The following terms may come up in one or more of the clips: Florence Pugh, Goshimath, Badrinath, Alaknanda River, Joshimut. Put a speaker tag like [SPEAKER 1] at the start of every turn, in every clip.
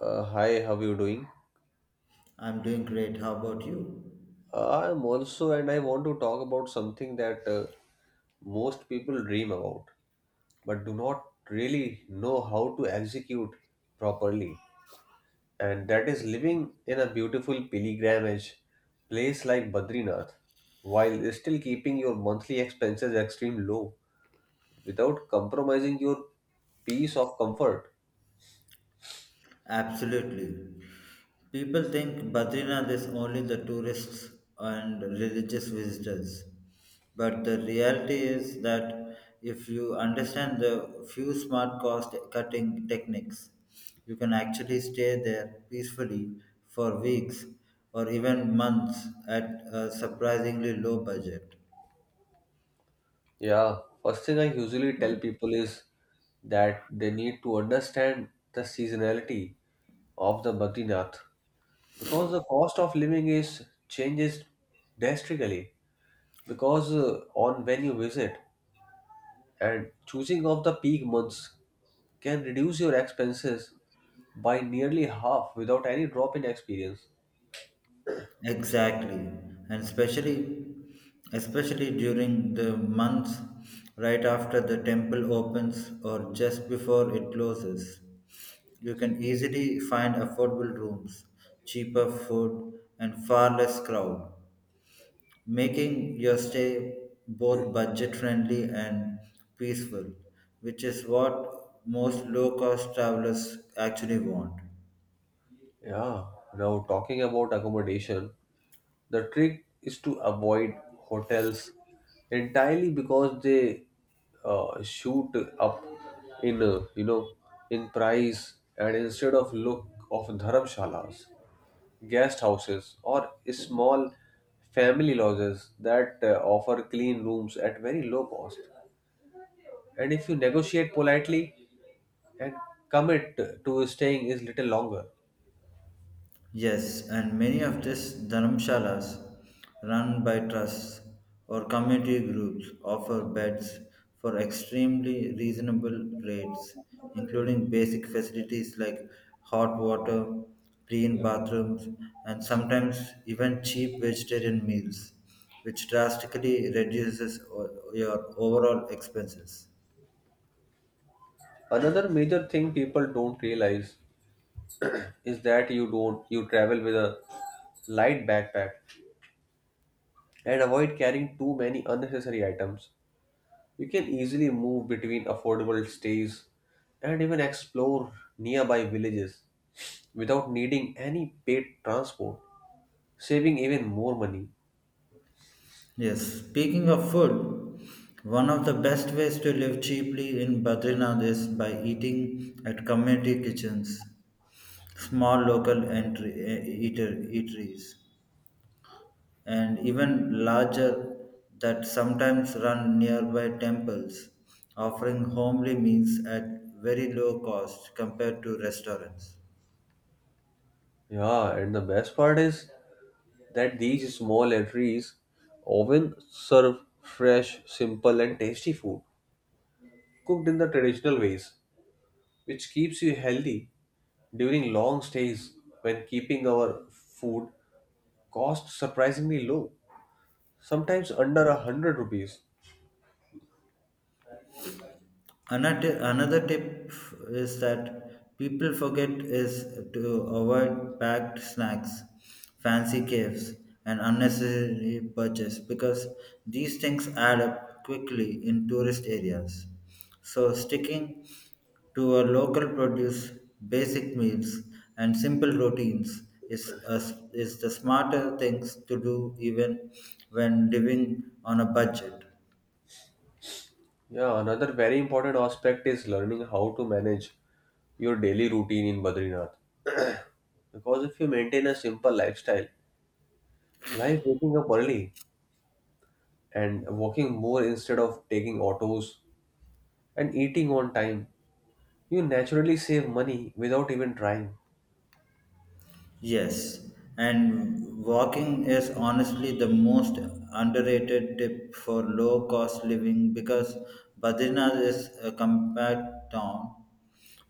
[SPEAKER 1] Hi, how you doing?
[SPEAKER 2] I'm doing great. How about you?
[SPEAKER 1] I'm also, and I want to talk about something that most people dream about, but do not really know how to execute properly. And that is living in a beautiful pilgrimage place like Badrinath, while still keeping your monthly expenses extreme low, without compromising your peace of comfort.
[SPEAKER 2] Absolutely. People think Badrinath is only the tourists and religious visitors. But the reality is that if you understand the few smart cost cutting techniques, you can actually stay there peacefully for weeks or even months at a surprisingly low budget.
[SPEAKER 1] Yeah, first thing I usually tell people is that they need to understand the seasonality of the Badrinath, because the cost of living is changes drastically because on when you visit and choosing of the peak months can reduce your expenses by nearly half without any drop in experience.
[SPEAKER 2] Exactly, and especially during the months right after the temple opens or just before it closes. You can easily find affordable rooms, cheaper food, and far less crowd, making your stay both budget friendly and peaceful, which is what most low cost travelers actually want.
[SPEAKER 1] Yeah, now talking about accommodation, the trick is to avoid hotels entirely because they shoot up in you know in price, and instead of look of dharmshalas, guest houses or small family lodges that offer clean rooms at very low cost. And if you negotiate politely and commit to staying is little longer.
[SPEAKER 2] Yes, and many of these dharmshalas, run by trusts or community groups, offer beds for extremely reasonable rates, including basic facilities like hot water, clean bathrooms, and sometimes even cheap vegetarian meals, which drastically reduces your overall expenses.
[SPEAKER 1] Another major thing people don't realize is that you don't you travel with a light backpack and avoid carrying too many unnecessary items. You can easily move between affordable stays and even explore nearby villages without needing any paid transport, saving even more money.
[SPEAKER 2] Yes, speaking of food, one of the best ways to live cheaply in Badrinath is by eating at community kitchens, small local eateries, and even larger that sometimes run nearby temples, offering homely meals at very low cost compared to restaurants.
[SPEAKER 1] Yeah, and the best part is that these small eateries often serve fresh, simple, and tasty food cooked in the traditional ways, which keeps you healthy during long stays when keeping our food costs surprisingly low, sometimes under 100 rupees.
[SPEAKER 2] Another tip is that people forget is to avoid packed snacks, fancy caves, and unnecessary purchase because these things add up quickly in tourist areas. So sticking to a local produce, basic meals, and simple routines is a, is the smarter things to do even when living on a budget.
[SPEAKER 1] Yeah, another very important aspect is learning how to manage your daily routine in Badrinath. Because if you maintain a simple lifestyle, like waking up early and walking more instead of taking autos and eating on time, you naturally save money without even trying.
[SPEAKER 2] Yes, and walking is honestly the most underrated tip for low cost living because Badrinath is a compact town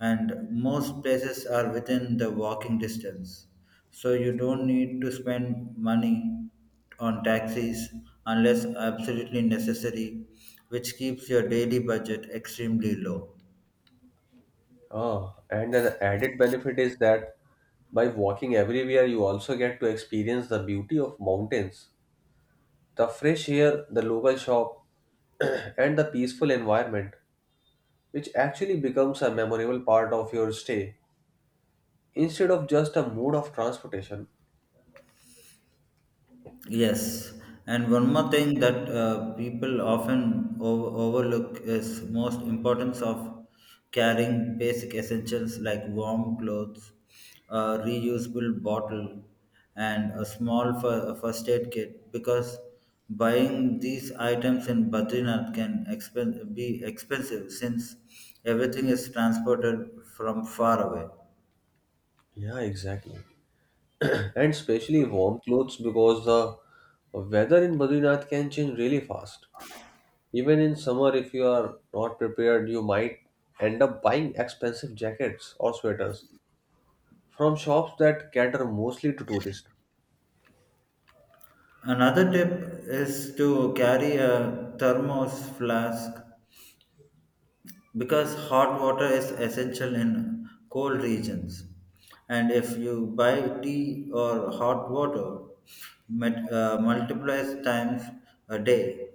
[SPEAKER 2] and most places are within the walking distance. So you don't need to spend money on taxis unless absolutely necessary, which keeps your daily budget extremely low.
[SPEAKER 1] Oh, and an added benefit is that by walking everywhere, you also get to experience the beauty of mountains, the fresh air, the local shop, and the peaceful environment, which actually becomes a memorable part of your stay instead of just a mode of transportation.
[SPEAKER 2] Yes, and one more thing that people often overlook is most importance of carrying basic essentials like warm clothes, a reusable bottle, and a small first aid kit because buying these items in Badrinath can be expensive since everything is transported from far away.
[SPEAKER 1] Yeah, exactly. And especially warm clothes, because the weather in Badrinath can change really fast. Even in summer, if you are not prepared, you might end up buying expensive jackets or sweaters from shops that cater mostly to tourists.
[SPEAKER 2] Another tip is to carry a thermos flask because hot water is essential in cold regions. And if you buy tea or hot water multiplies times a day,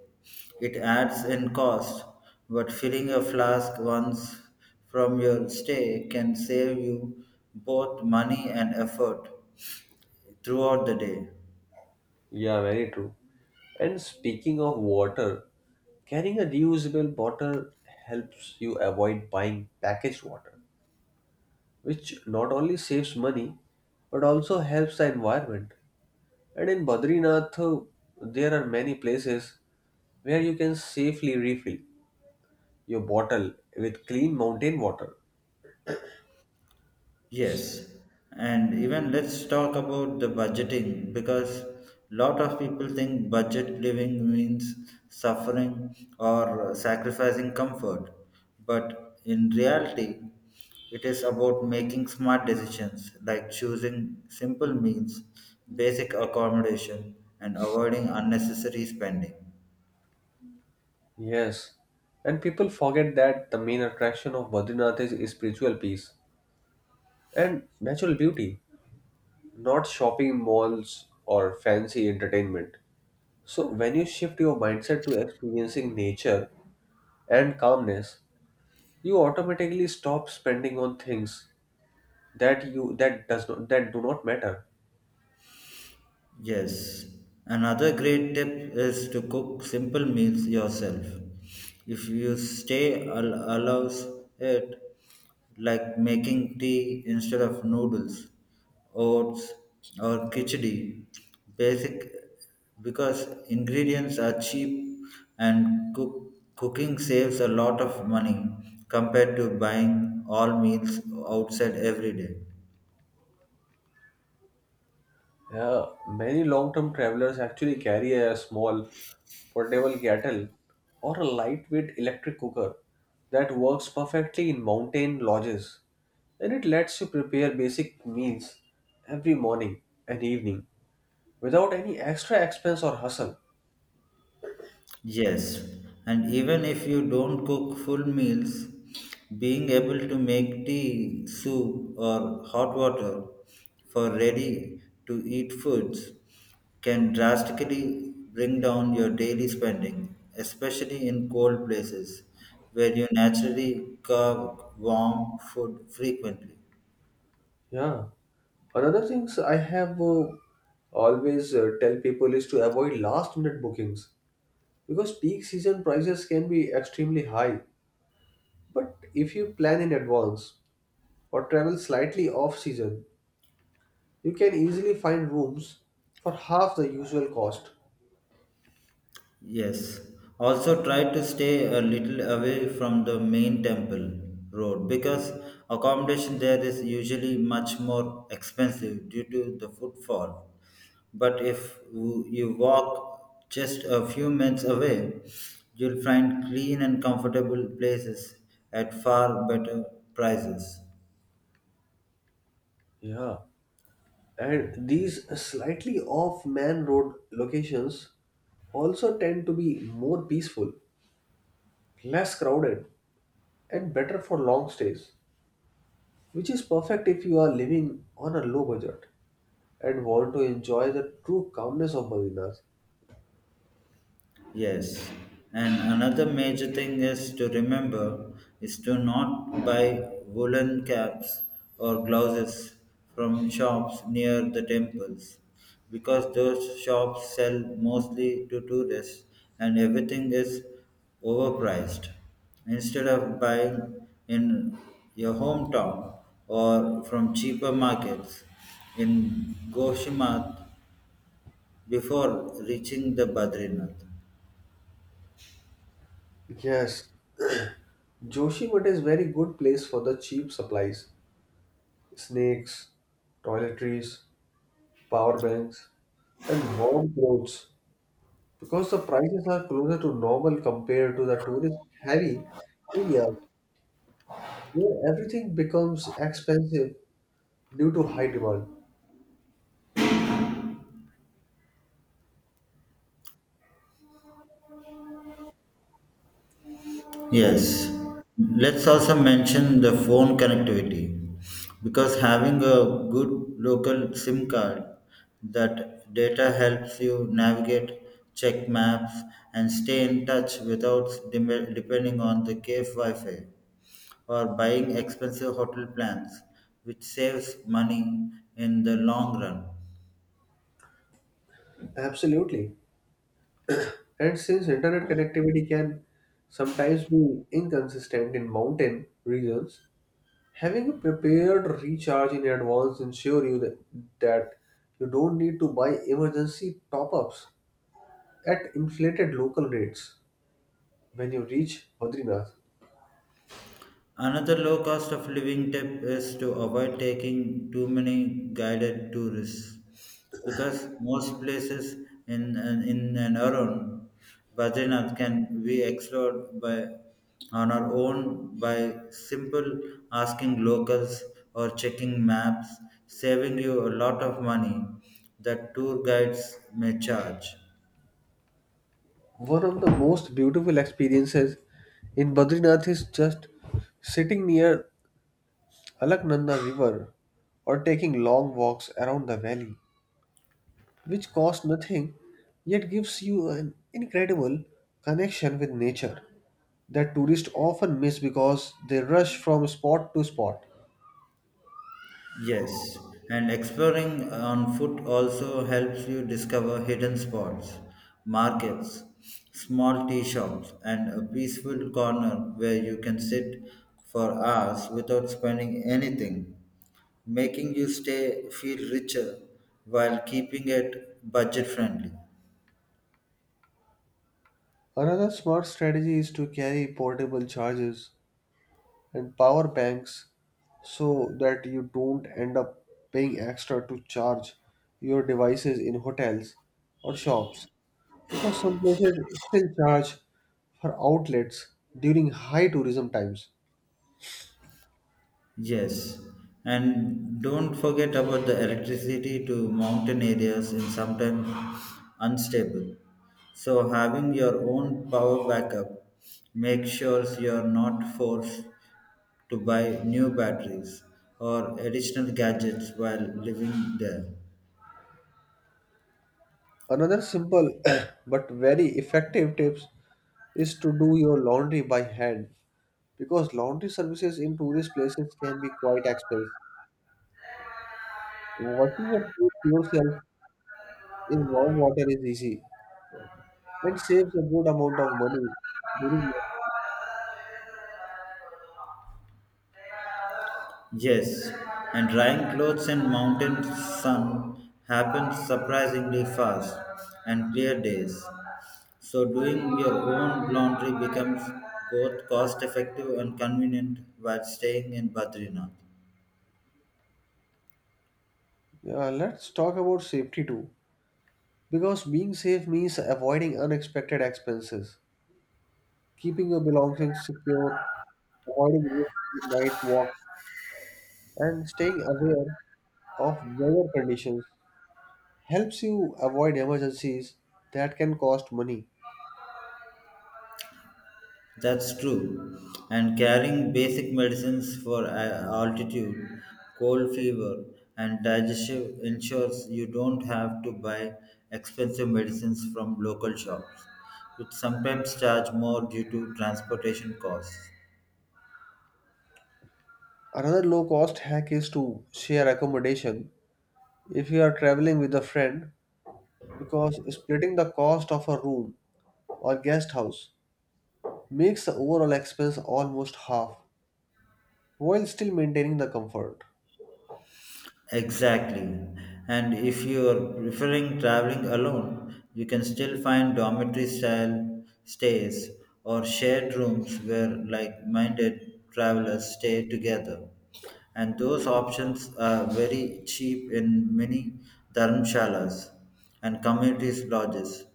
[SPEAKER 2] it adds in cost. But filling a flask once from your stay can save you both money and effort throughout the day.
[SPEAKER 1] Yeah, very true. And speaking of water, carrying a reusable bottle helps you avoid buying packaged water, which not only saves money but also helps the environment. And in Badrinath, there are many places where you can safely refill your bottle with clean mountain water.
[SPEAKER 2] Yes, and even let's talk about the budgeting because lot of people think budget living means suffering or sacrificing comfort, but in reality, it is about making smart decisions like choosing simple meals, basic accommodation, and avoiding unnecessary spending.
[SPEAKER 1] Yes, and people forget that the main attraction of Badrinath is spiritual peace and natural beauty, not shopping malls or fancy entertainment. So, when you shift your mindset to experiencing nature and calmness, you automatically stop spending on things that you that does not that do not matter.
[SPEAKER 2] Yes, another great tip is to cook simple meals yourself. If you stay allows it, like making tea instead of noodles, oats or khichdi, basic because ingredients are cheap and cooking saves a lot of money compared to buying all meals outside every day.
[SPEAKER 1] Many long-term travelers actually carry a small portable kettle or a lightweight electric cooker that works perfectly in mountain lodges, and it lets you prepare basic meals every morning and evening without any extra expense or hustle.
[SPEAKER 2] Yes, and even if you don't cook full meals, being able to make tea, soup, or hot water for ready to eat foods can drastically bring down your daily spending, especially in cold places where you naturally carve warm food frequently.
[SPEAKER 1] Yeah. Another things I have always tell people is to avoid last-minute bookings because peak season prices can be extremely high. But if you plan in advance, or travel slightly off season, you can easily find rooms for half the usual cost.
[SPEAKER 2] Yes. Also, try to stay a little away from the main temple road because accommodation there is usually much more expensive due to the footfall. But if you walk just a few minutes away, you'll find clean and comfortable places at far better prices.
[SPEAKER 1] Yeah, and these slightly off man road locations also tend to be more peaceful, less crowded, and better for long stays, which is perfect if you are living on a low budget and want to enjoy the true calmness of Medina.
[SPEAKER 2] Yes, and another major thing is to remember is to not buy woolen caps or gloves from shops near the temples because those shops sell mostly to tourists and everything is overpriced. Instead of buying in your hometown or from cheaper markets in Goshimath before reaching the Badrinath.
[SPEAKER 1] Yes, Joshimut is very good place for the cheap supplies, snakes, toiletries, power banks, and warm clothes because the prices are closer to normal compared to the tourist heavy areas where everything becomes expensive due to high demand. So,
[SPEAKER 2] Yes, let's also mention the phone connectivity because having a good local SIM card that data helps you navigate, check maps, and stay in touch without depending on the cave Wi Fi or buying expensive hotel plans, which saves money in the long run.
[SPEAKER 1] absolutely. And since internet connectivity can sometimes be inconsistent in mountain regions, having a prepared recharge in advance ensure you that, that you don't need to buy emergency top-ups at inflated local rates. When you reach Badrinath,
[SPEAKER 2] Another low cost of living tip is to avoid taking too many guided tourists because most places in and around Badrinath can be explored by on our own by simple asking locals or checking maps, saving you a lot of money that tour guides may charge.
[SPEAKER 1] one of the most beautiful experiences in Badrinath is just sitting near Alaknanda River or taking long walks around the valley, which cost nothing yet gives you an incredible connection with nature that tourists often miss because they rush from spot to spot.
[SPEAKER 2] Yes, and exploring on foot also helps you discover hidden spots, markets, small tea shops, and a peaceful corner where you can sit for hours without spending anything, making you stay feel richer while keeping it budget friendly.
[SPEAKER 1] Another smart strategy is to carry portable chargers and power banks so that you don't end up paying extra to charge your devices in hotels or shops, because some places still charge for outlets during high tourism times.
[SPEAKER 2] Yes, and don't forget about the electricity to mountain areas is sometimes unstable. So having your own power backup, make sure you're not forced to buy new batteries or additional gadgets while living there.
[SPEAKER 1] Another simple but very effective tip is to do your laundry by hand, because laundry services in tourist places can be quite expensive. Washing your clothes yourself in warm water is easy, and saves a good amount of money during
[SPEAKER 2] Yes, and drying clothes in mountain sun happens surprisingly fast and clear days. So doing your own laundry becomes both cost effective and convenient while staying in Badrinath.
[SPEAKER 1] launch. Let's talk about safety too, because being safe means avoiding unexpected expenses, keeping your belongings secure, avoiding risk in night walks, and staying aware of weather conditions helps you avoid emergencies that can cost money.
[SPEAKER 2] That's true. And carrying basic medicines for altitude, cold fever, and digestive ensures you don't have to buy expensive medicines from local shops, which sometimes charge more due to transportation costs.
[SPEAKER 1] Another low cost hack is to share accommodation if you are traveling with a friend, because splitting the cost of a room or guest house makes the overall expense almost half while still maintaining the comfort.
[SPEAKER 2] Exactly. And if you are preferring traveling alone, you can still find dormitory style stays or shared rooms where like minded travelers stay together. And those options are very cheap in many dharmshalas and community lodges.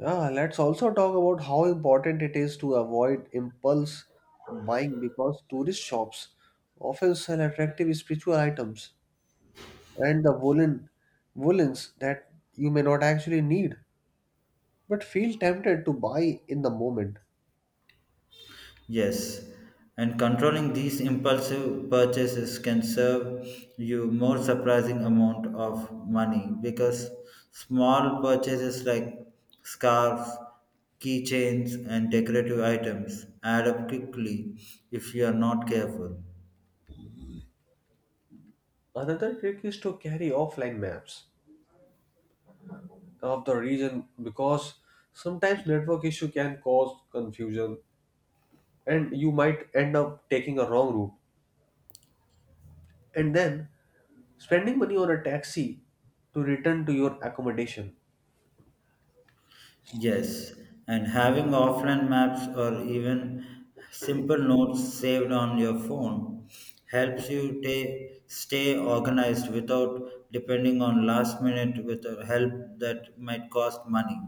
[SPEAKER 1] Yeah, let's also talk about how important it is to avoid impulse buying, because tourist shops often sell attractive spiritual items and the woolens that you may not actually need but feel tempted to buy in the moment.
[SPEAKER 2] Yes, and controlling these impulsive purchases can serve you more surprising amount of money because small purchases like scarves, keychains and decorative items add up quickly if you are not careful.
[SPEAKER 1] Another trick is to carry offline maps of the region, because sometimes network issue can cause confusion and you might end up taking a wrong route and then spending money on a taxi to return to your accommodation.
[SPEAKER 2] Yes, and having offline maps or even simple notes saved on your phone helps you stay organized without depending on last minute with a help that might cost money.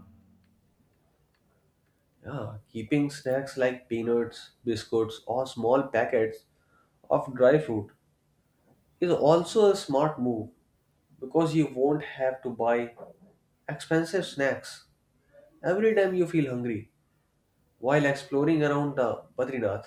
[SPEAKER 1] Yeah, keeping snacks like peanuts, biscuits, or small packets of dry fruit is also a smart move, because you won't have to buy expensive snacks every time you feel hungry while exploring around the Badrinath.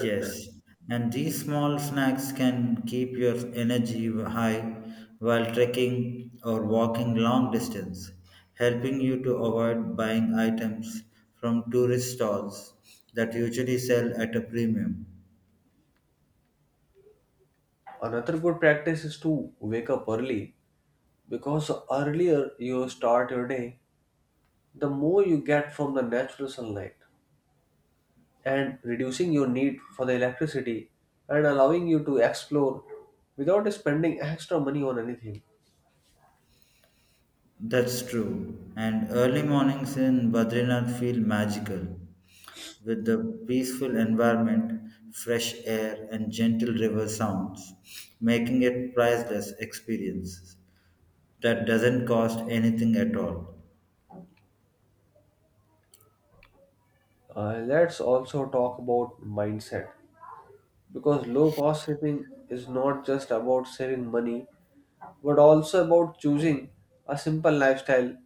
[SPEAKER 2] Yes, and these small snacks can keep your energy high while trekking or walking long distance, helping you to avoid buying items from tourist stalls that usually sell at a premium.
[SPEAKER 1] Another good practice is to wake up early, because the earlier you start your day, the more you get from the natural sunlight and reducing your need for the electricity and allowing you to explore without spending extra money on anything.
[SPEAKER 2] That's true. And early mornings in Badrinath feel magical with the peaceful environment, fresh air, and gentle river sounds, making it priceless experience that doesn't cost anything at all.
[SPEAKER 1] Let's also talk about mindset, because low cost saving is not just about saving money but also about choosing a simple lifestyle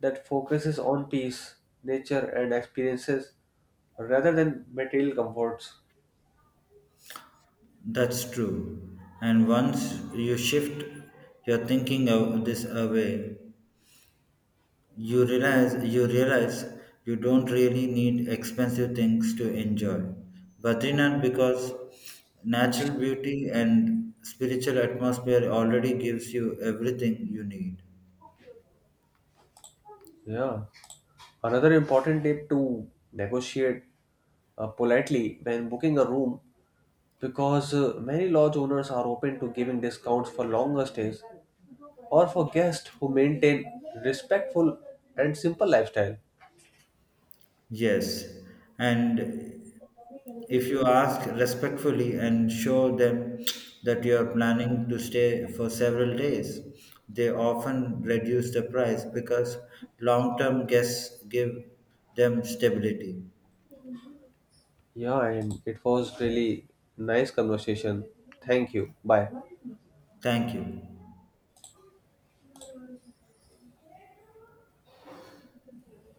[SPEAKER 1] that focuses on peace, nature, and experiences rather than material comforts.
[SPEAKER 2] That's true. And once you shift your thinking of this away, you realize you don't really need expensive things to enjoy Badrinath because natural beauty and spiritual atmosphere already gives you everything you need.
[SPEAKER 1] Yeah. Another important tip to negotiate politely when booking a room, because many lodge owners are open to giving discounts for longer stays or for guests who maintain respectful and simple lifestyle.
[SPEAKER 2] Yes, and if you ask respectfully and show them that you are planning to stay for several days, they often reduce the price because long term guests give them stability.
[SPEAKER 1] Yeah, and it was really nice conversation. Thank you. Bye.
[SPEAKER 2] Thank you.